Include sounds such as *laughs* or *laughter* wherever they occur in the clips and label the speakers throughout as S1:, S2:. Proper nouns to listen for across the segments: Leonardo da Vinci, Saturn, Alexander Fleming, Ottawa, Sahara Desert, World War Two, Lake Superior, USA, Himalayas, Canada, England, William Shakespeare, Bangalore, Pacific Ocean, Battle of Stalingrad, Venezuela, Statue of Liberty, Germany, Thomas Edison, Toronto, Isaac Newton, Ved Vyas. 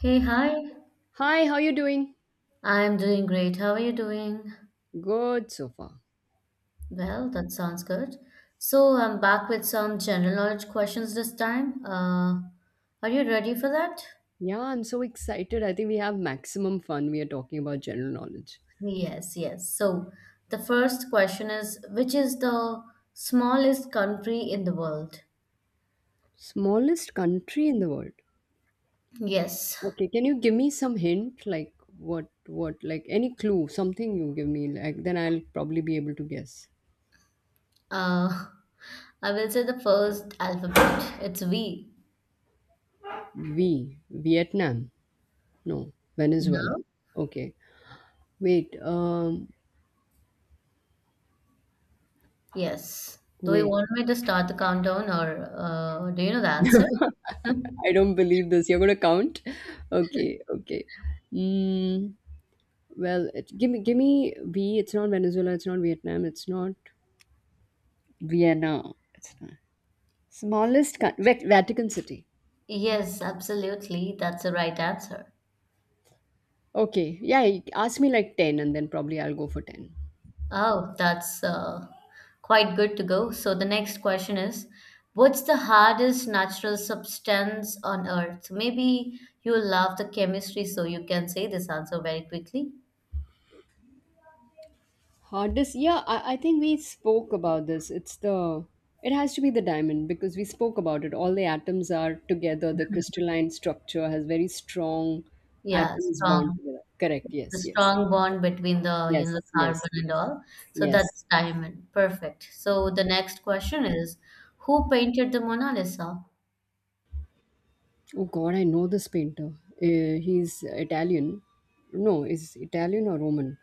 S1: Hey, hi.
S2: Hi, how you doing?
S1: I'm doing great. How are you doing?
S2: Good so far.
S1: Well, that sounds good. So, I'm back with some general knowledge questions this time. Are you ready for that?
S2: Yeah, I'm so excited. I think we have maximum fun. We are talking about general knowledge.
S1: Yes, yes. So, the first question is, which is the smallest country in the world?
S2: Smallest country in the world.
S1: Yes.
S2: Okay, can you give me some hint? Like what like any clue, something you give me, like then I'll probably be able to guess.
S1: Uh, I will say the first alphabet. It's V.
S2: V. Vietnam. No.
S1: No?
S2: Venezuela. Okay. Wait,
S1: Yes. Do you
S2: wait.
S1: want me to start the countdown or do you know the answer?
S2: I
S1: *laughs*
S2: don't believe this. You're gonna count? *laughs* Okay, okay. Mm, Well, give me V. It's not Venezuela. It's not Vietnam. It's not Vienna. It's not Vatican City.
S1: Yes, absolutely. That's the right answer.
S2: Okay, yeah. you Ask me like ten, and then probably I'll go for ten.
S1: Oh, that's quite good to go. So the next question is, what's the hardest natural substance on Earth? Maybe you love the chemistry, so you can say this answer very quickly.
S2: Hardest, yeah. I think we spoke about this. It's the it has to be the diamond because we spoke about it. All the atoms are together. The crystalline structure has very strong
S1: Yeah,
S2: atoms bound
S1: strong.
S2: together. Correct.
S1: The
S2: Yes. Yes.
S1: strong bond between the the
S2: Yes. Yes.
S1: carbon
S2: Yes.
S1: and all. So
S2: Yes.
S1: that's diamond. Perfect. So the next question is, who painted the Mona Lisa?
S2: Oh God, I know this painter. He's Italian. No, is Italian or Roman?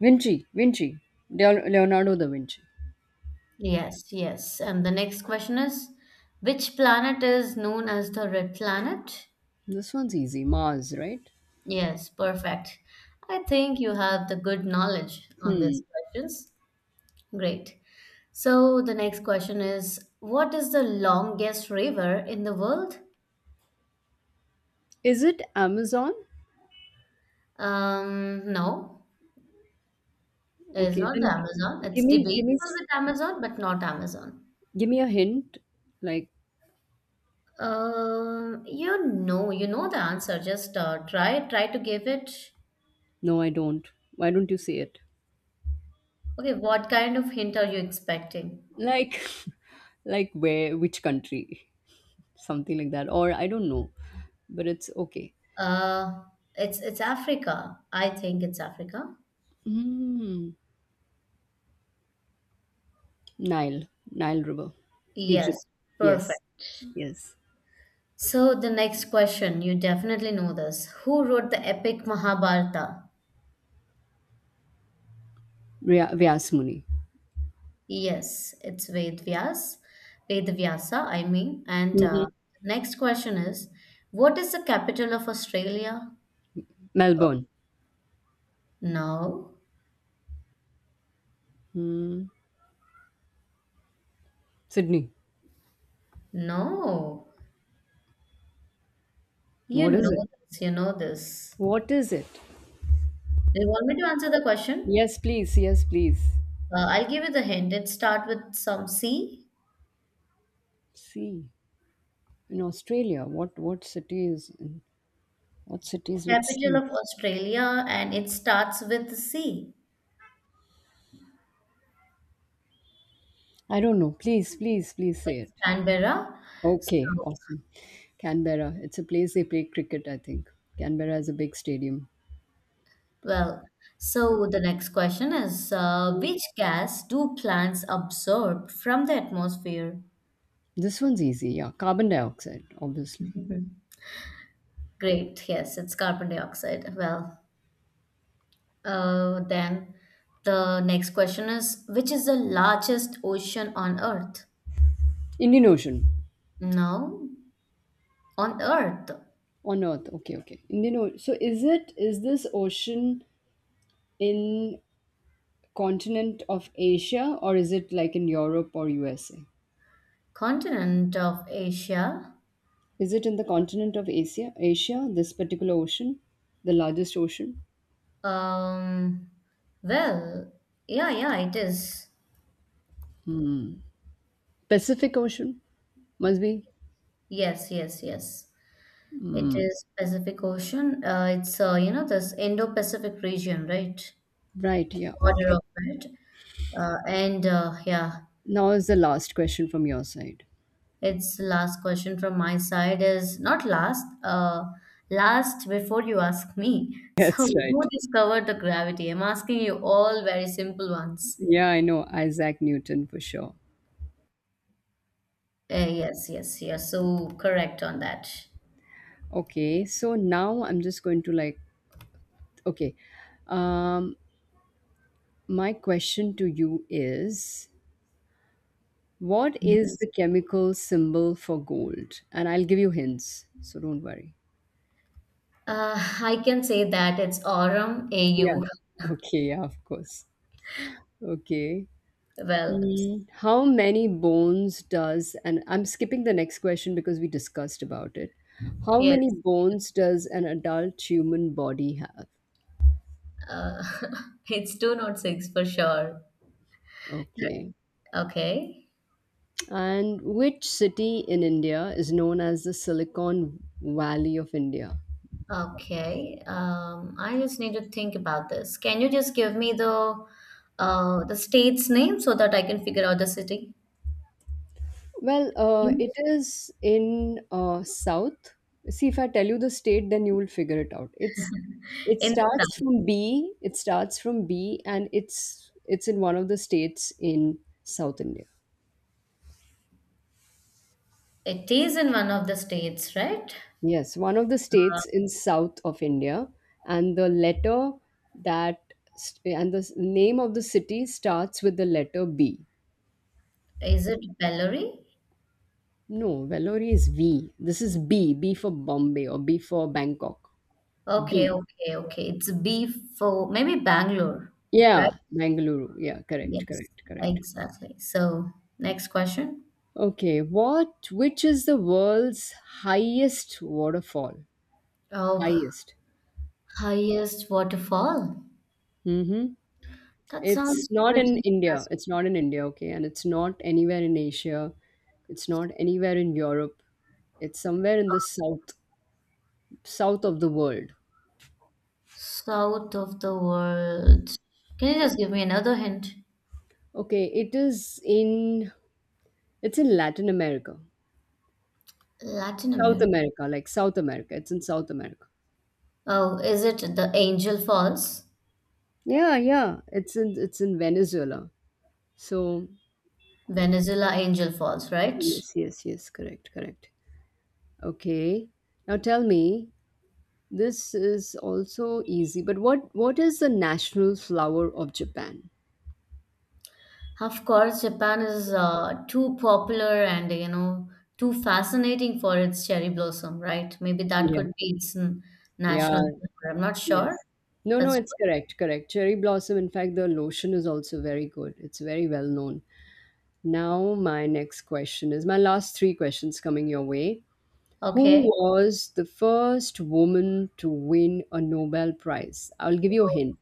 S2: Vinci, Leonardo da Vinci.
S1: Yes, yes. And the next question is, which planet is known as the red planet?
S2: This one's easy. Mars, right?
S1: Yes, perfect. I think you have the good knowledge on
S2: Hmm.
S1: these questions. Great. So the next question is, what is the longest river in the world?
S2: Is it Amazon?
S1: No, it is
S2: Okay,
S1: not the Amazon. It's
S2: give me,
S1: debatable
S2: s-
S1: with Amazon, but not Amazon.
S2: give me a hint. Like,
S1: You know the answer. Just try to give it.
S2: no, I don't. Why don't you say it?
S1: Okay, what kind of hint are you expecting?
S2: Like, *laughs* like where? Which country? Something like that. Or I don't know. But it's okay.
S1: Uh, it's Africa. I think it's Africa.
S2: Hmm. Nile, Nile River, Egypt.
S1: Yes,
S2: Yes,
S1: perfect.
S2: yes.
S1: So the next question, you definitely know this. Who wrote the epic Mahabharata?
S2: Vyas Muni.
S1: Yes, it's Ved Vyas, Ved Vyasa, I mean. And
S2: Hmm.
S1: uh, next question is, what is the capital of Australia?
S2: Melbourne.
S1: No,
S2: Hmm. Sydney.
S1: no. You
S2: What is
S1: know
S2: it?
S1: this, you know this.
S2: What is it?
S1: Do you want me to answer the question?
S2: Yes, please. Yes, please.
S1: I'll give you the hint. It starts with some C,
S2: Sea in Australia. What city is in, what cities with
S1: capital
S2: sea?
S1: of Australia, and it starts with C.
S2: I don't know. Please, please, please say it.
S1: It's Canberra.
S2: Okay,
S1: So,
S2: awesome. Canberra. It's a place they play cricket. I think Canberra has a big stadium.
S1: well, so the next question is, which gas do plants absorb from the atmosphere?
S2: This one's easy. Yeah, carbon dioxide, obviously.
S1: Mhm. Great. Yes, it's carbon dioxide. Well, then the next question is, which is the largest ocean on Earth?
S2: Indian Ocean.
S1: No, on Earth,
S2: On Earth, okay, okay. So is it is this ocean in continent of Asia or is it like in Europe or USA?
S1: continent of Asia.
S2: Is it in the continent of Asia? Asia, this particular ocean, the largest ocean,
S1: Um, well, yeah, yeah, it is.
S2: Pacific Ocean, must be
S1: Yes, yes, yes. It is Pacific Ocean. It's this Indo-Pacific region, right?
S2: right. Yeah,
S1: Order
S2: okay.
S1: of it. And yeah,
S2: Now is the last question from your side.
S1: it's last question from my side is not last, last before you ask me. *laughs*
S2: *laughs*
S1: So,
S2: That's
S1: who
S2: right.
S1: discovered the gravity? I'm asking you all very simple ones.
S2: Yeah, I know Isaac Newton for sure.
S1: Yes, yes, yes. So correct on that.
S2: Okay, so now I'm just going to okay. Um, my question to you is: what is the
S1: Yes.
S2: chemical symbol for gold? And I'll give you hints, so don't worry.
S1: Uh, I can say that it's Aurum
S2: Yeah.
S1: AU.
S2: Okay, yeah, of course. Okay.
S1: Well,
S2: How many bones does, and I'm skipping the next question because we discussed about it. How many
S1: yes,
S2: bones does an adult human body have?
S1: uh, *laughs* it's two not six for sure. Yeah.
S2: Okay.
S1: Okay,
S2: And which city in India is known as the Silicon Valley of India?
S1: okay. I just need to think about this. Can you just give me the state's name so that I can figure out the city?
S2: Well, it is in South. See, if I tell you the state, then you will figure it out. It
S1: In the
S2: starts
S1: south.
S2: from B. It starts from B, and it's in one of the states in South India.
S1: It is in one of the states, right?
S2: Yes, one of the
S1: Uh,
S2: states in south of India, and the letter that st- and the s- name of the city starts with the letter B.
S1: is it Bellary?
S2: No, Vellore is V. This is B. B for Bombay or B for Bangkok.
S1: Okay,
S2: B.
S1: okay, okay. It's B for maybe Bangalore,
S2: Yeah,
S1: right?
S2: Bangalore. Yeah, correct,
S1: Yes,
S2: correct, correct.
S1: exactly. So, next question.
S2: Okay, what which is the world's highest waterfall?
S1: Oh,
S2: Highest.
S1: highest waterfall?
S2: Mm-hmm.
S1: That
S2: It's
S1: sounds
S2: not in
S1: pretty
S2: India.
S1: interesting.
S2: It's not in India, okay, and it's not anywhere in Asia. It's not anywhere in Europe. It's somewhere in the south of the world.
S1: South of the world. Can you just give me another hint?
S2: Okay, it is in it's in Latin America.
S1: Latin
S2: South
S1: America.
S2: America, like South America. It's in South America.
S1: Oh, is it the Angel Falls?
S2: Yeah, yeah. It's in Venezuela. So
S1: Venezuela Angel Falls, right?
S2: yes, yes, yes, correct, correct. Okay. Now tell me, this is also easy, but what is the national flower of Japan?
S1: Of course, Japan is too popular and too fascinating for its cherry blossom, right? Maybe that
S2: Yeah.
S1: could be its
S2: Yeah,
S1: national flower. I'm not sure.
S2: yes. No, no,
S1: That's
S2: it's correct, correct. Cherry blossom, in fact, the lotion is also very good. It's very well known. Now, my next question is my last three questions coming your way. Who
S1: Okay,
S2: was the first woman to win a Nobel Prize? I'll give you a hint.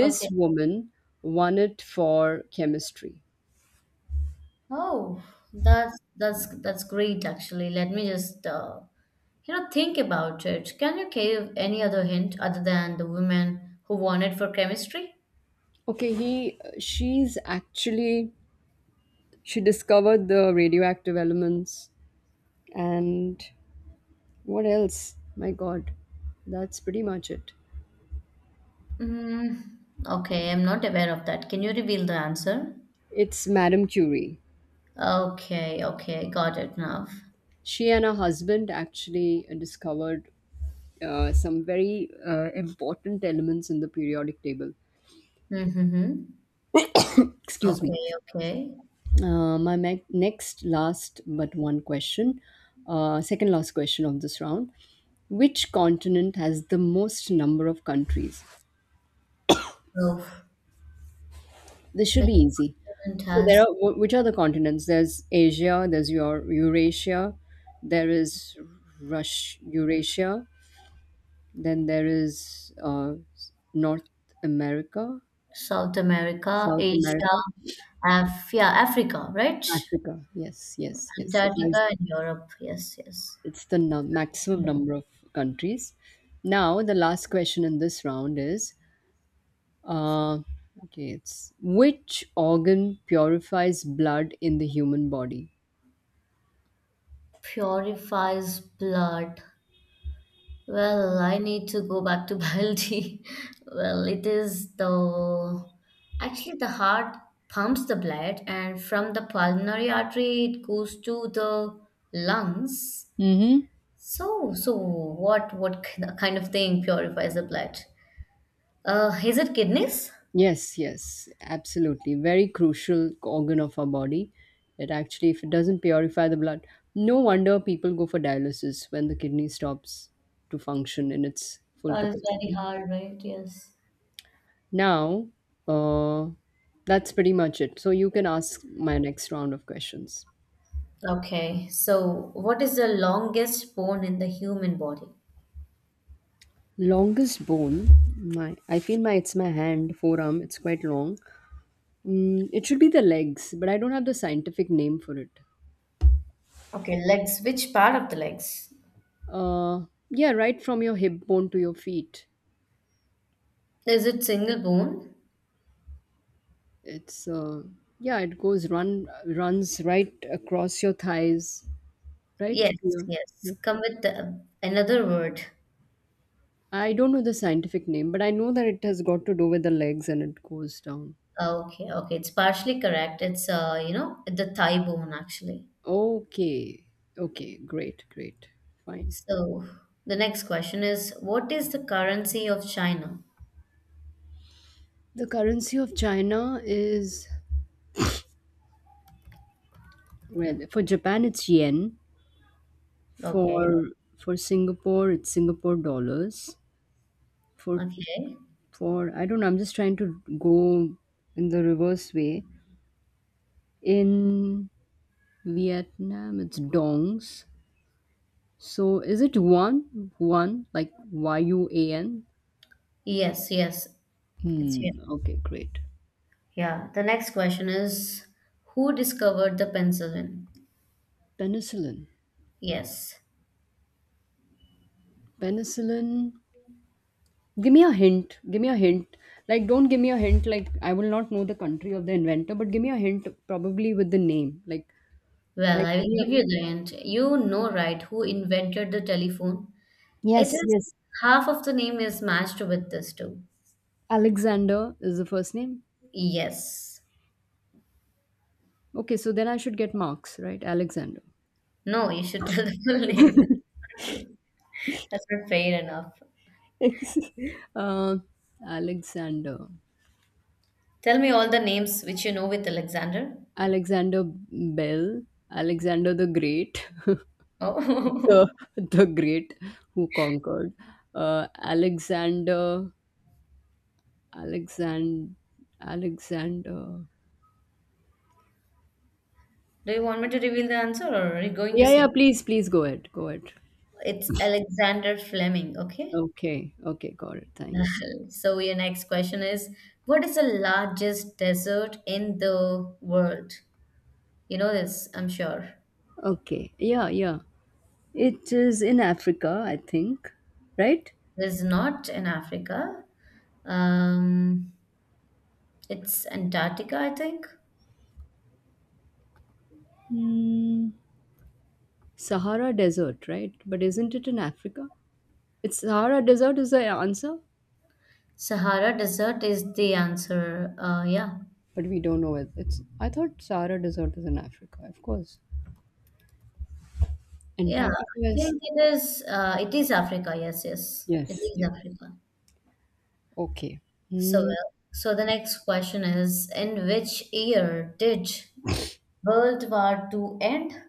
S1: okay.
S2: woman won it for chemistry.
S1: Oh, that's great actually. Let me just think about it. Can you give any other hint other than the woman who won it for chemistry?
S2: Okay, he she's actually she discovered the radioactive elements and what else? My god. That's pretty much it.
S1: Mm, okay, I'm not aware of that. Can you reveal the answer?
S2: It's Madame Curie.
S1: Okay, okay, got it now.
S2: She and her husband actually discovered some very important elements in the periodic table.
S1: Mm-hmm.
S2: Excuse me.
S1: Okay, okay.
S2: Next last but one question, second last question of this round. Which continent has the most number of countries?
S1: Oh,
S2: This should
S1: which
S2: be easy.
S1: continent
S2: So there are
S1: has
S2: which are the continents? There's Asia, there's your Eurasia, there is Rush Eurasia, then there is North America,
S1: South America,
S2: South
S1: Asia,
S2: America,
S1: Af yeah, Africa, right?
S2: Africa. Yes, yes, yes. It has
S1: Antarctica and Europe, yes, yes.
S2: it's the maximum number of countries. Now, the last question in this round is uh, okay, it's: which organ purifies blood in the human body?
S1: Purifies blood. Well, I need to go back to *laughs* biology. Well, it is the actually the heart pumps the blood, and from the pulmonary artery it goes to the lungs.
S2: Mm-hmm.
S1: So, what kind of thing purifies the blood? Is it kidneys?
S2: Yes, yes, absolutely. Very crucial organ of our body. It actually, if it doesn't purify the blood, no wonder people go for dialysis when the kidney stops to function in its full
S1: That is very
S2: capacity.
S1: hard, right? Yes.
S2: Now, uh, that's pretty much it. So you can ask my next round of questions.
S1: Okay, so what is the longest bone in the human body?
S2: Longest bone, my I feel my it's my hand forearm. It's quite long. It should be the legs, but I don't have the scientific name for it.
S1: Okay, legs. Which part of the legs?
S2: Uh, yeah, right from your hip bone to your feet.
S1: Is it single bone?
S2: It's Yeah, it goes runs right across your thighs, right to
S1: Yes,
S2: your.
S1: yes.
S2: Right.
S1: Come with the, another word.
S2: I don't know the scientific name, but I know that it has got to do with the legs and it goes down.
S1: Ah, okay, okay. It's partially correct. It's the thigh bone actually.
S2: Okay. Okay. Great. Great. Fine.
S1: So the next question is, what is the currency of China?
S2: The currency of China is well for Japan it's yen.
S1: Okay,
S2: For for Singapore it's Singapore dollars. For
S1: okay.
S2: for I don't know. I'm just trying to go in the reverse way. In Vietnam it's dongs. So is it one like Yuan?
S1: Yes, yes. It's here.
S2: Hmm. Okay. Great.
S1: Yeah. The next question is, who discovered the penicillin?
S2: Penicillin.
S1: Yes.
S2: Penicillin. Give me a hint. Give me a hint. Like, don't give me a hint. Like, I will not know the country of the inventor, but give me a hint, probably with the name.
S1: Well,
S2: Like
S1: I
S2: give
S1: will
S2: me a...
S1: give you the hint. You know, right, who invented the telephone? It
S2: yes,
S1: is
S2: yes.
S1: half of the name is matched with this too.
S2: Alexander is the first name.
S1: Yes.
S2: Okay, so then I should get marks, right? Alexander.
S1: No, you should *laughs* tell the full *laughs* name. True. That's not fair enough.
S2: *laughs* uh, Alexander.
S1: Tell me all the names which you know with Alexander.
S2: Alexander Bell. Alexander the Great. *laughs*
S1: Oh.
S2: The
S1: *laughs*
S2: Great who conquered. Alexander. Alexand. Alexander.
S1: Do you want me to reveal the answer or are you going to
S2: Yeah, yeah,
S1: say?
S2: please, please go ahead. Go ahead.
S1: It's Alexander Fleming, okay?
S2: Okay, okay, got it. Thanks.
S1: *laughs* So your next question is, what is the largest desert in the world? You know this, I'm sure.
S2: Okay, yeah, yeah. It is in Africa, I think, right?
S1: This is not in Africa. Um, It's Antarctica, I think.
S2: Hmm. Sahara Desert, right? But isn't it in Africa? It's Sahara Desert is the answer,
S1: Sahara Desert is the answer. Yeah,
S2: but we don't know it. It's I thought Sahara Desert is in Africa, of course.
S1: yeah.
S2: Antarctica
S1: I
S2: is
S1: think it is. It is Africa. Yes, yes. It
S2: yes,
S1: is
S2: yeah.
S1: Africa.
S2: Okay.
S1: So
S2: Hmm.
S1: well. So the next question is: in which year did World War II end?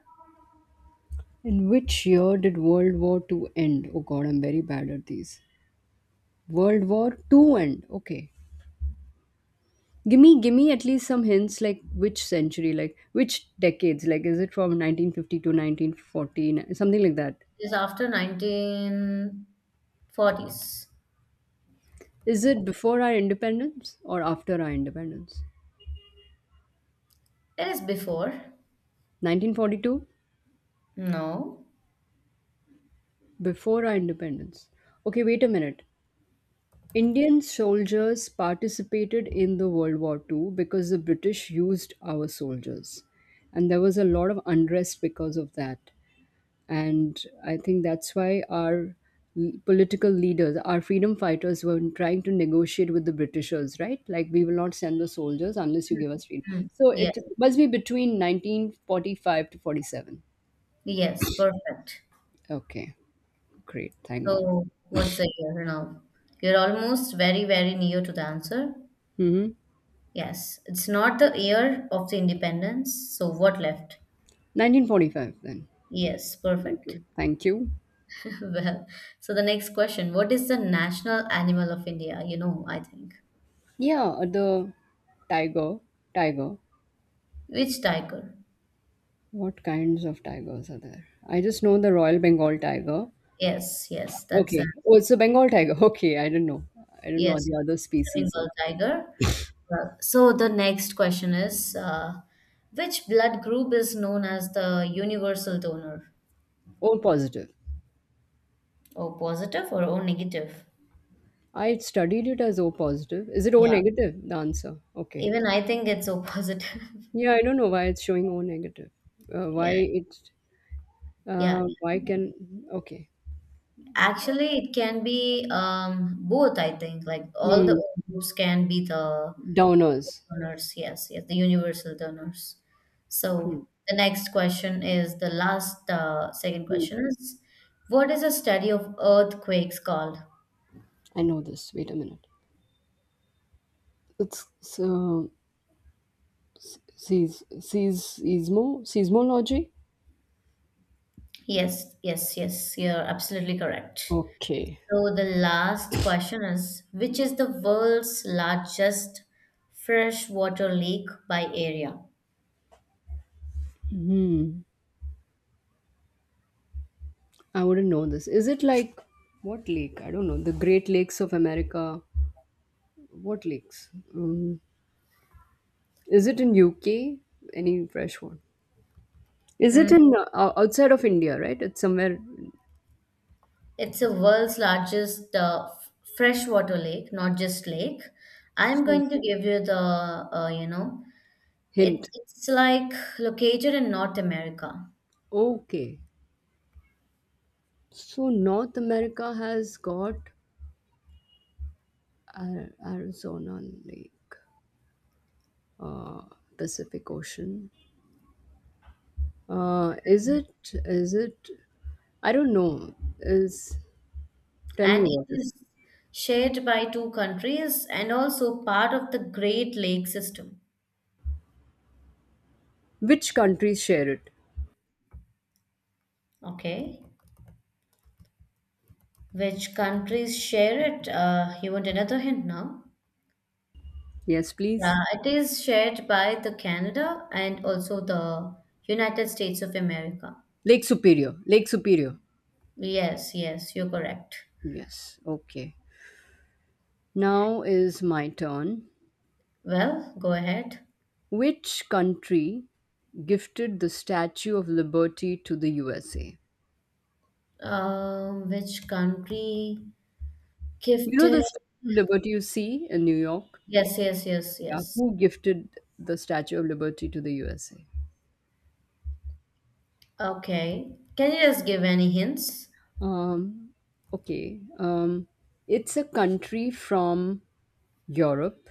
S2: In which year did World War Two end? Oh God, I'm very bad at these. World War Two end. Okay. Give me at least some hints, like which century, like which decades, like is it from 1950 to 1940? Something like that.
S1: It is after 1940s.
S2: Is it before our independence or after our independence?
S1: It is before.
S2: 1942,
S1: No.
S2: before our independence. Okay, wait a minute. Indian soldiers participated in the World War Two because the British used our soldiers, and there was a lot of unrest because of that. And I think that's why our political leaders our freedom fighters were trying to negotiate with the britishers, right? Like we will not send the soldiers unless you give us
S1: Hmm.
S2: freedom. So
S1: Yes.
S2: it must be between 1945 to 47.
S1: Yes. Perfect.
S2: Okay, great, thank god.
S1: So what's the year now? You're almost very, very near to the answer.
S2: Mm-hmm.
S1: Yes, it's not the year of the independence, so what left?
S2: 1945 then.
S1: Yes,
S2: Okay,
S1: perfect.
S2: thank you.
S1: *laughs* Well, so the next question, what is the national animal of India? You know, I think.
S2: Yeah, the tiger tiger
S1: Which tiger?
S2: what kinds of tigers are there? I just know the royal Bengal tiger.
S1: Yes, yes, that's a
S2: Okay. Oh, it's a Bengal tiger. *laughs* Okay, I don't know. I don't know
S1: yes,
S2: the other
S1: it's a
S2: species.
S1: Bengal tiger. Well, so the next question is, which blood group is known as the universal donor?
S2: O positive.
S1: O positive or O negative?
S2: I studied it as O positive. Is it O
S1: Yeah,
S2: negative? The answer. Okay.
S1: even I think it's O positive. *laughs*
S2: Yeah, I don't know why it's showing O negative. Why
S1: Yeah,
S2: it?
S1: yeah,
S2: Why
S1: yeah.
S2: can? Okay.
S1: Actually, it can be both, I think. Like all the
S2: Hmm.
S1: groups can be the
S2: Downers.
S1: donors. Yes, yes, the universal donors.
S2: Okay.
S1: So the next question is the last second
S2: Hmm.
S1: question is what is a study of earthquakes called?
S2: I know this. Wait a minute. It's so sees sees seismology.
S1: Yes, yes, yes, you're absolutely correct.
S2: Okay.
S1: So the last question is which is the world's largest freshwater lake by area?
S2: I wouldn't know this. Is it like what lake? I don't know. The Great Lakes of America. What lakes? Is it in UK? Any fresh one? Is
S1: Hmm,
S2: it in outside of India? Right? It's somewhere.
S1: it's the world's largest freshwater lake, not just lake. I'm
S2: Hmm.
S1: going to give you the, it,
S2: Hint.
S1: it's like located in North America,
S2: Okay. So North America has got Arizona Lake, uh, Pacific Ocean. Is it? Is it? I don't know. Is Tell me
S1: and it
S2: what is.
S1: is shared by two countries and also part of the Great Lake system.
S2: Which countries share it?
S1: Okay, which countries share it? You want another hint now?
S2: Yes, please.
S1: Yeah, it is shared by the Canada and also the United States of America.
S2: Lake Superior.
S1: Yes, yes, you're correct.
S2: Yes. Okay. Now is my turn.
S1: Well, go ahead.
S2: Which country gifted the Statue of Liberty to the USA?
S1: Which country
S2: You know
S1: gifted?
S2: the Statue of Liberty you see in New York?
S1: Yes, yes, yes,
S2: Yeah.
S1: yes.
S2: Who gifted the Statue of Liberty to the USA?
S1: Okay. Can you just give any hints?
S2: Um, okay. It's a country from Europe,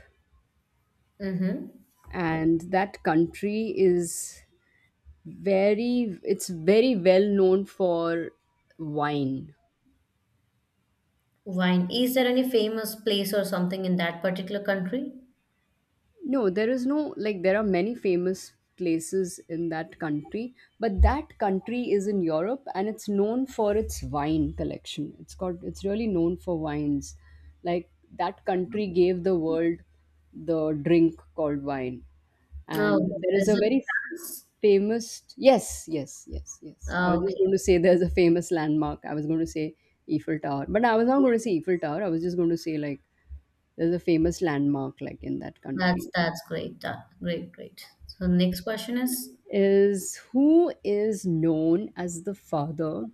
S1: Mm-hmm.
S2: and that country is very, it's very well known for wine.
S1: Wine. Is there any famous place or something in that particular country?
S2: No, there is no, like, there are many famous places in that country, but that country is in Europe and it's known for its wine collection. It's got, it's really known for wines. Like, that country gave the world the drink called wine. And
S1: Oh,
S2: there is a
S1: is it
S2: very
S1: France?
S2: famous, yes, yes, yes, yes. I was
S1: Oh,
S2: just
S1: okay.
S2: going to say there's a famous landmark. I was going to say Eiffel Tower, but I was not going
S1: Yes.
S2: to say Eiffel Tower. I was just going to say, there's a famous landmark, in that
S1: That's
S2: country.
S1: that's great. Great, great. So next question is?
S2: Is who is known as the father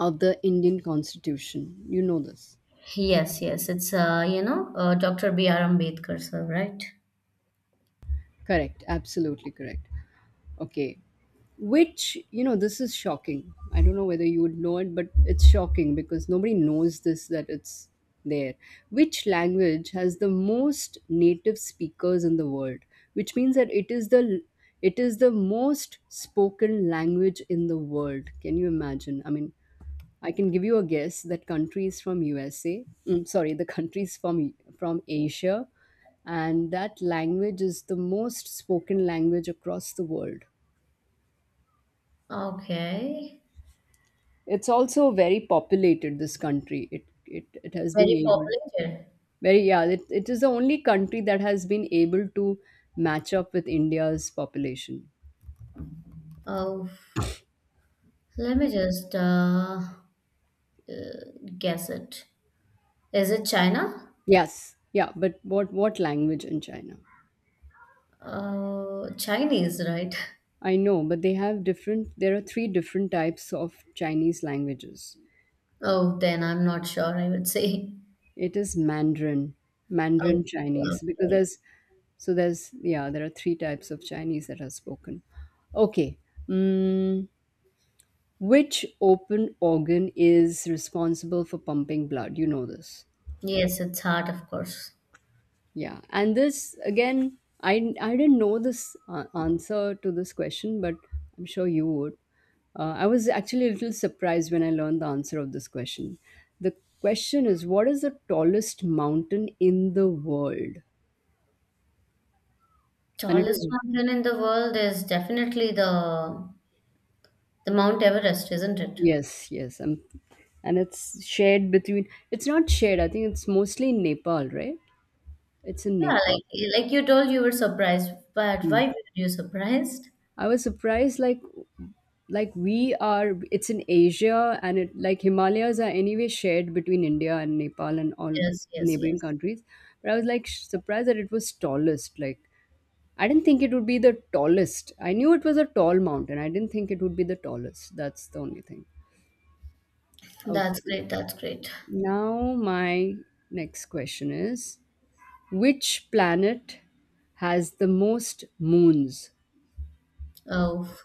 S2: of the Indian Constitution. You know this.
S1: Yes, yes. It's Dr. B. R. Ambedkar, sir, right?
S2: Correct. Absolutely correct. Okay. Which, you know, this is shocking. I don't know whether you would know it, but it's shocking because nobody knows this that it's there. Which language has the most native speakers in the world? Which means that it is the most spoken language in the world. Can you imagine? I mean, I can give you a guess that countries from USA, sorry, the countries from Asia, and that language is the most spoken language across the world.
S1: Okay.
S2: It's also very populated. This country, it has been
S1: Very
S2: able
S1: popular.
S2: very, yeah. It is the only country that has been able to match up with India's population.
S1: Oh. Let me just guess it. Is it China?
S2: Yes, yeah, but what language in China?
S1: Chinese, right? *laughs*
S2: I know, but they have different. There are three different types of Chinese languages.
S1: Oh, then I'm not sure, I would say.
S2: It is Mandarin,
S1: Oh,
S2: Mandarin Chinese, because
S1: okay.
S2: there's so there's, yeah, there are three types of Chinese that are spoken. Okay. Mm, which open organ is responsible for pumping blood? You know this.
S1: Yes, it's hard, of course.
S2: Yeah. And this again, I didn't know this answer to this question, but I'm sure you would. I was actually a little surprised when I learned the answer of this question. The question is, what is the tallest mountain in the world? And it
S1: Tallest
S2: is,
S1: mountain in the world is definitely the Mount Everest, isn't it?
S2: yes, yes, and it's shared between, it's not shared, I think it's mostly in Nepal, right? It's in
S1: Yeah,
S2: Nepal.
S1: like you told you were surprised, but
S2: Hmm.
S1: why were you surprised?
S2: I was surprised, like we are, it's in Asia, and it, like, Himalayas are anyway shared between India and Nepal and all
S1: Yes, yes,
S2: neighboring
S1: yes.
S2: countries. But I was like surprised that it was tallest, like, I didn't think it would be the tallest. I knew it was a tall mountain. I didn't think it would be the tallest. That's the only thing. Okay.
S1: That's great, that's great.
S2: Now, my next question is, which planet has the most moons?
S1: Oh,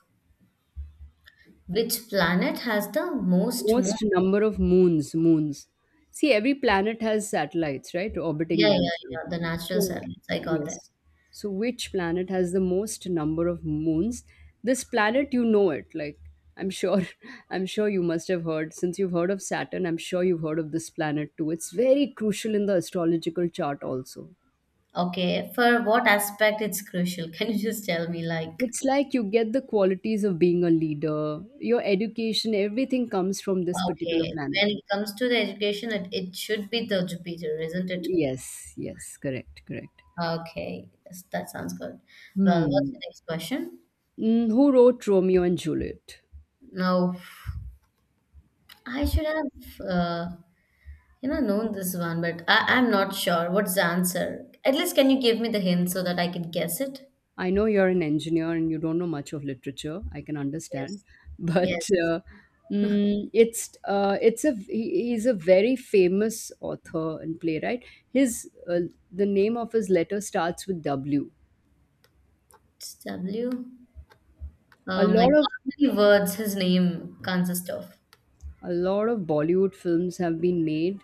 S1: which planet has the most moon?
S2: Most number of moons, moons. See, every planet has satellites, right? Orbiting
S1: Yeah, yeah,
S2: themselves.
S1: yeah. The
S2: So,
S1: natural
S2: so,
S1: salads. I got that.
S2: yes. So, which planet has the most number of moons? This planet, you know it. Like, I'm sure, *laughs* I'm sure you must have heard. Since you've heard of Saturn, I'm sure you've heard of this planet too. It's very crucial in the astrological chart also.
S1: Okay. For what aspect it's crucial? *laughs* Can you just tell me, like,
S2: It's like you get the qualities of being a leader, your education, everything comes from this particular
S1: okay, when
S2: planet.
S1: it comes to the education, it should be the Jupiter, isn't it?
S2: Yes, yes, correct, correct.
S1: Okay. Yes, that sounds good. Well, what's the
S2: Hmm.
S1: next question?
S2: Who wrote Romeo and Juliet?
S1: No, I should have, known this one, but I'm not sure. What's the answer? At least, can you give me the hint so that I can guess it?
S2: I know you're an engineer and you don't know much of literature. I can understand,
S1: Yes.
S2: *laughs* but
S1: Yes.
S2: it's a he's a very famous author and playwright. His the name of his letter starts with W.
S1: It's W.
S2: A
S1: Like
S2: lot of
S1: how many words his name consists of?
S2: a lot of Bollywood films have been made,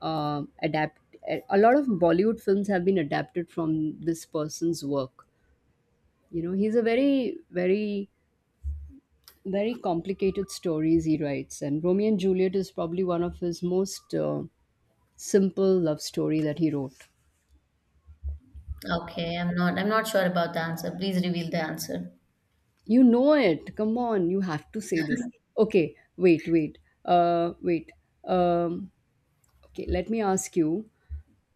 S2: adapt. Eh, a lot of Bollywood films have been adapted from this person's work. You know, he's a very, very, very complicated stories he writes, and Romeo and Juliet is probably one of his most, simple love story that he wrote.
S1: Okay, I'm not sure about the answer. Please reveal the answer.
S2: You know it. Come on, you have to say this. Okay, wait, wait, wait. Um, okay, let me ask you.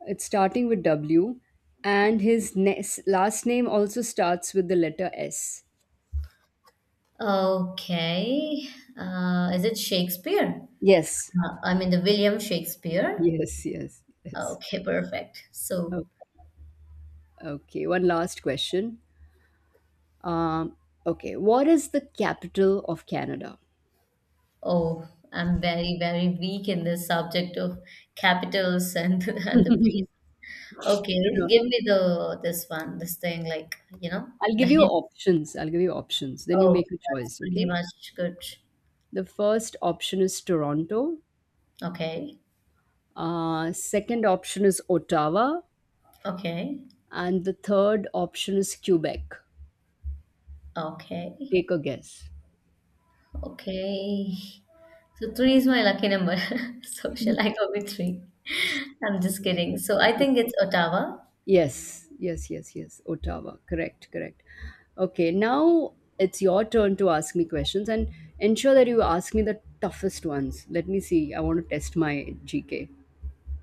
S2: It's starting with W, and his last name also starts with the letter S.
S1: Okay. Is it Shakespeare?
S2: Yes,
S1: I mean the William Shakespeare.
S2: yes, yes, yes.
S1: Okay, perfect.
S2: O-
S1: So,
S2: okay, one last question. Um, okay, what is the capital of Canada?
S1: oh, I'm very, very weak in this subject of capitals and *laughs* and the place.
S2: No,
S1: Okay,
S2: no.
S1: give me the this one, this thing like, you know,
S2: I'll
S1: the
S2: give you
S1: hint.
S2: options. I'll give you options. Then you
S1: Oh,
S2: make a
S1: that's
S2: choice,
S1: pretty
S2: okay?
S1: much good.
S2: The first option is Toronto.
S1: Okay.
S2: Second option is Ottawa.
S1: Okay.
S2: And the third option is Quebec.
S1: Okay.
S2: Take a guess.
S1: Okay. So three is my lucky number. *laughs* So shall I go with three? *laughs* I'm just kidding. So I think it's Ottawa.
S2: Yes, yes, yes, yes. Ottawa. Correct, correct. Okay, now it's your turn to ask me questions and ensure that you ask me the toughest ones. Let me see. I want to test my GK.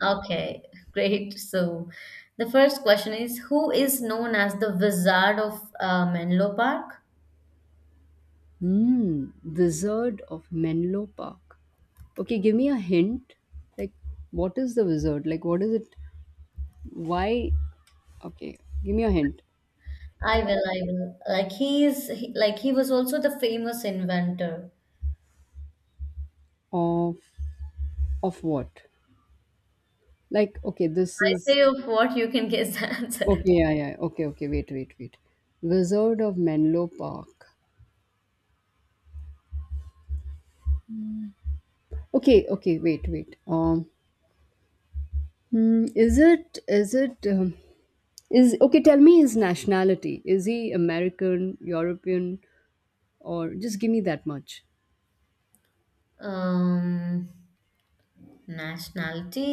S1: Okay, great. So the first question is, who is known as the Wizard of Menlo Park?
S2: Hmm, Wizard of Menlo Park. Okay, give me a hint. Like, what is the wizard? Like, what is it? Why? Okay, give me a hint.
S1: I will, I will. Like like he was also the famous inventor.
S2: Of of what? Like, okay, this
S1: I
S2: is
S1: say of what you can guess *laughs* the answer.
S2: okay. Yeah, yeah. Okay, okay. Wait, wait, wait. Wizard of Menlo Park. Okay, okay, wait, wait. Is it, okay, tell me his nationality. Is he American, European, or just give me that much?
S1: Um, nationality.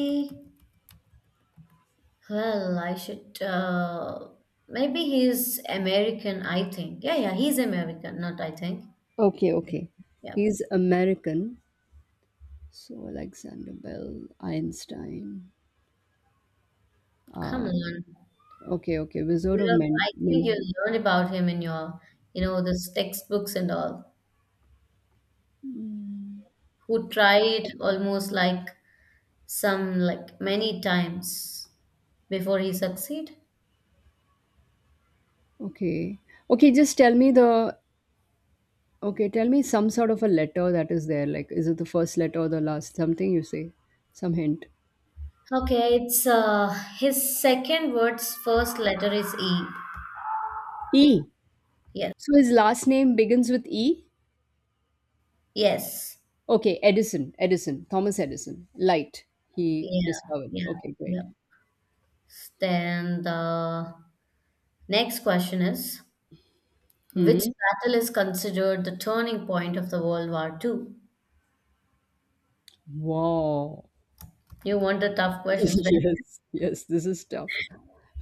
S1: Well, I should. Maybe he's American, I think. Yeah, yeah, he's American, not I think.
S2: Okay, okay.
S1: Yeah,
S2: He's American. So Alexander Bell, Einstein.
S1: come
S2: Uh,
S1: on.
S2: okay, okay. Wizard
S1: You
S2: of
S1: have,
S2: Men.
S1: I think you
S2: Men.
S1: learned about him in your, you know, this textbooks and all, who tried almost like some, like many times before he succeed.
S2: Okay. Okay, just tell me the, okay, tell me some sort of a letter that is there. Like, is it the first letter or the last? Something you say. Some hint.
S1: Okay, it's his second word's first letter is E.
S2: E.
S1: Yes,
S2: So his last name begins with E?
S1: yes,
S2: Okay, Edison, Edison, Thomas Edison. Light he
S1: yeah,
S2: discovered.
S1: yeah,
S2: Okay, great.
S1: yeah. Then the next question is, which
S2: Mm-hmm.
S1: battle is considered the turning point of the World War II?
S2: Wow. *laughs*
S1: You want the tough questions, right?
S2: Yes, yes, this is tough.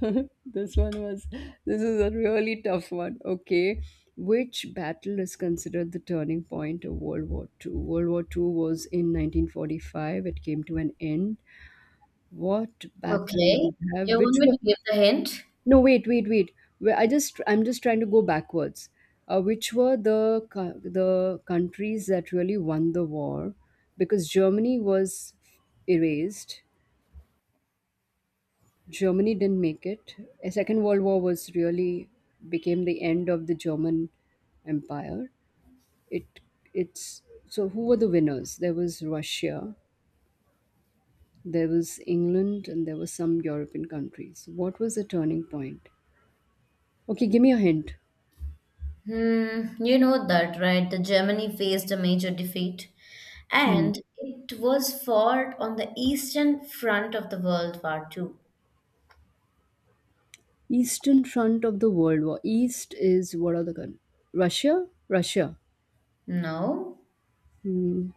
S2: *laughs* This one was, this is a really tough one. Okay. Which battle is considered the turning point of World War Two? World War Two was in 1945. It came to an end. What battle
S1: Okay.
S2: would have,
S1: You want
S2: which
S1: me
S2: were,
S1: to give the hint?
S2: no, wait, wait, wait. I just I'm just trying to go backwards. Which were the the countries that really won the war? Because Germany was erased. Germany didn't make it. A Second World War was really became the end of the German Empire. It it's so who were the winners? There was Russia, there was England, and there were some European countries. What was the turning point? Okay, give me a hint.
S1: Hmm, you know that, right? The Germany faced a major defeat
S2: Hmm.
S1: and it was fought on the eastern front of the World War II.
S2: Eastern front of the World War. East is what are the countries? Russia? Russia.
S1: No?
S2: Hmm.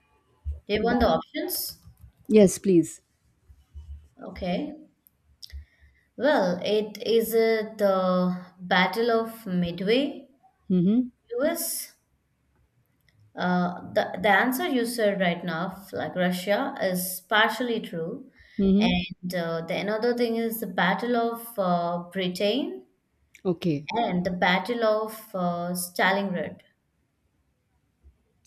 S1: You want the
S2: That-
S1: options?
S2: yes, please.
S1: Okay. Well, it is the Battle of Midway,
S2: Mm-hmm.
S1: US, the answer you said right now, like Russia, is partially true.
S2: Mm-hmm.
S1: And the another thing is the Battle of Britain
S2: Okay.
S1: and the Battle of Stalingrad.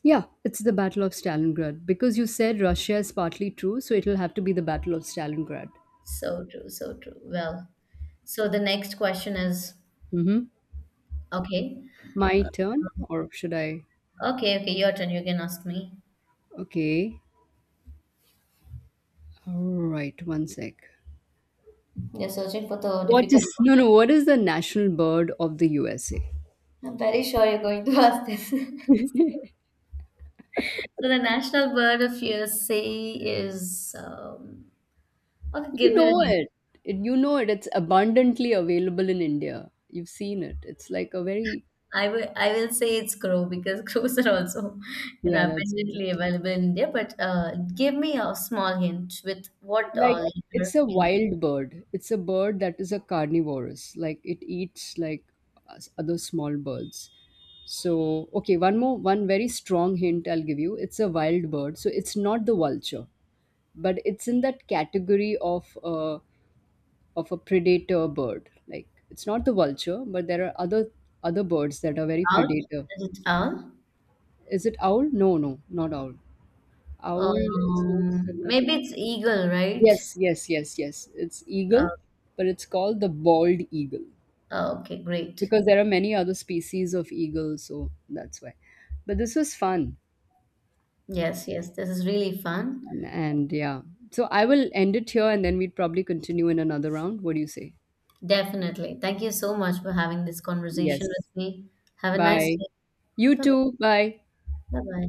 S2: Yeah, it's the Battle of Stalingrad. Because you said Russia is partly true, so it'll have to be the Battle of Stalingrad.
S1: So true, so true. Well, so the next question is.
S2: Mm-hmm.
S1: Okay,
S2: My turn? Or should I?
S1: okay, okay, your turn. You can ask me.
S2: Okay. All right, one sec.
S1: You're searching for the
S2: What
S1: difficult
S2: is *laughs* no no? What is the national bird of the USA?
S1: one. I'm very sure you're going to *laughs* ask this. So the national bird of USA is okay.
S2: You
S1: Give me the
S2: know
S1: hint.
S2: it. It. You know it. It's abundantly available in India. You've seen it. It's like a very,
S1: I will, say it's crow because *laughs* crows are also
S2: yeah, that's true.
S1: abundantly available in India. But give me a small hint with what
S2: Like, it's
S1: letter
S2: a
S1: is
S2: wild bird. It's a bird that is a carnivorous. Like, it eats like other small birds. So, okay, one more, one very strong hint I'll give you. It's a wild bird. So, it's not the vulture, but it's in that category of a predator bird. Like, it's not the vulture, but there are other other birds that are very
S1: owl?
S2: predator.
S1: Is it owl?
S2: Is it owl? No, no, not owl. Owl is not so much
S1: Maybe
S2: of,
S1: it's eagle, right?
S2: yes, yes, yes, yes. It's
S1: Uh,
S2: eagle, but it's called the bald eagle
S1: okay, great.
S2: because there are many other species of eagle, so that's why. But this was fun.
S1: Yes, yes, this is really fun.
S2: And yeah. So I will end it here and then we'd probably continue in another round. What do you say?
S1: Definitely. Thank you so much for having this conversation
S2: Yes.
S1: with me. Have a nice
S2: Bye.
S1: day.
S2: You too. Bye.
S1: Bye bye.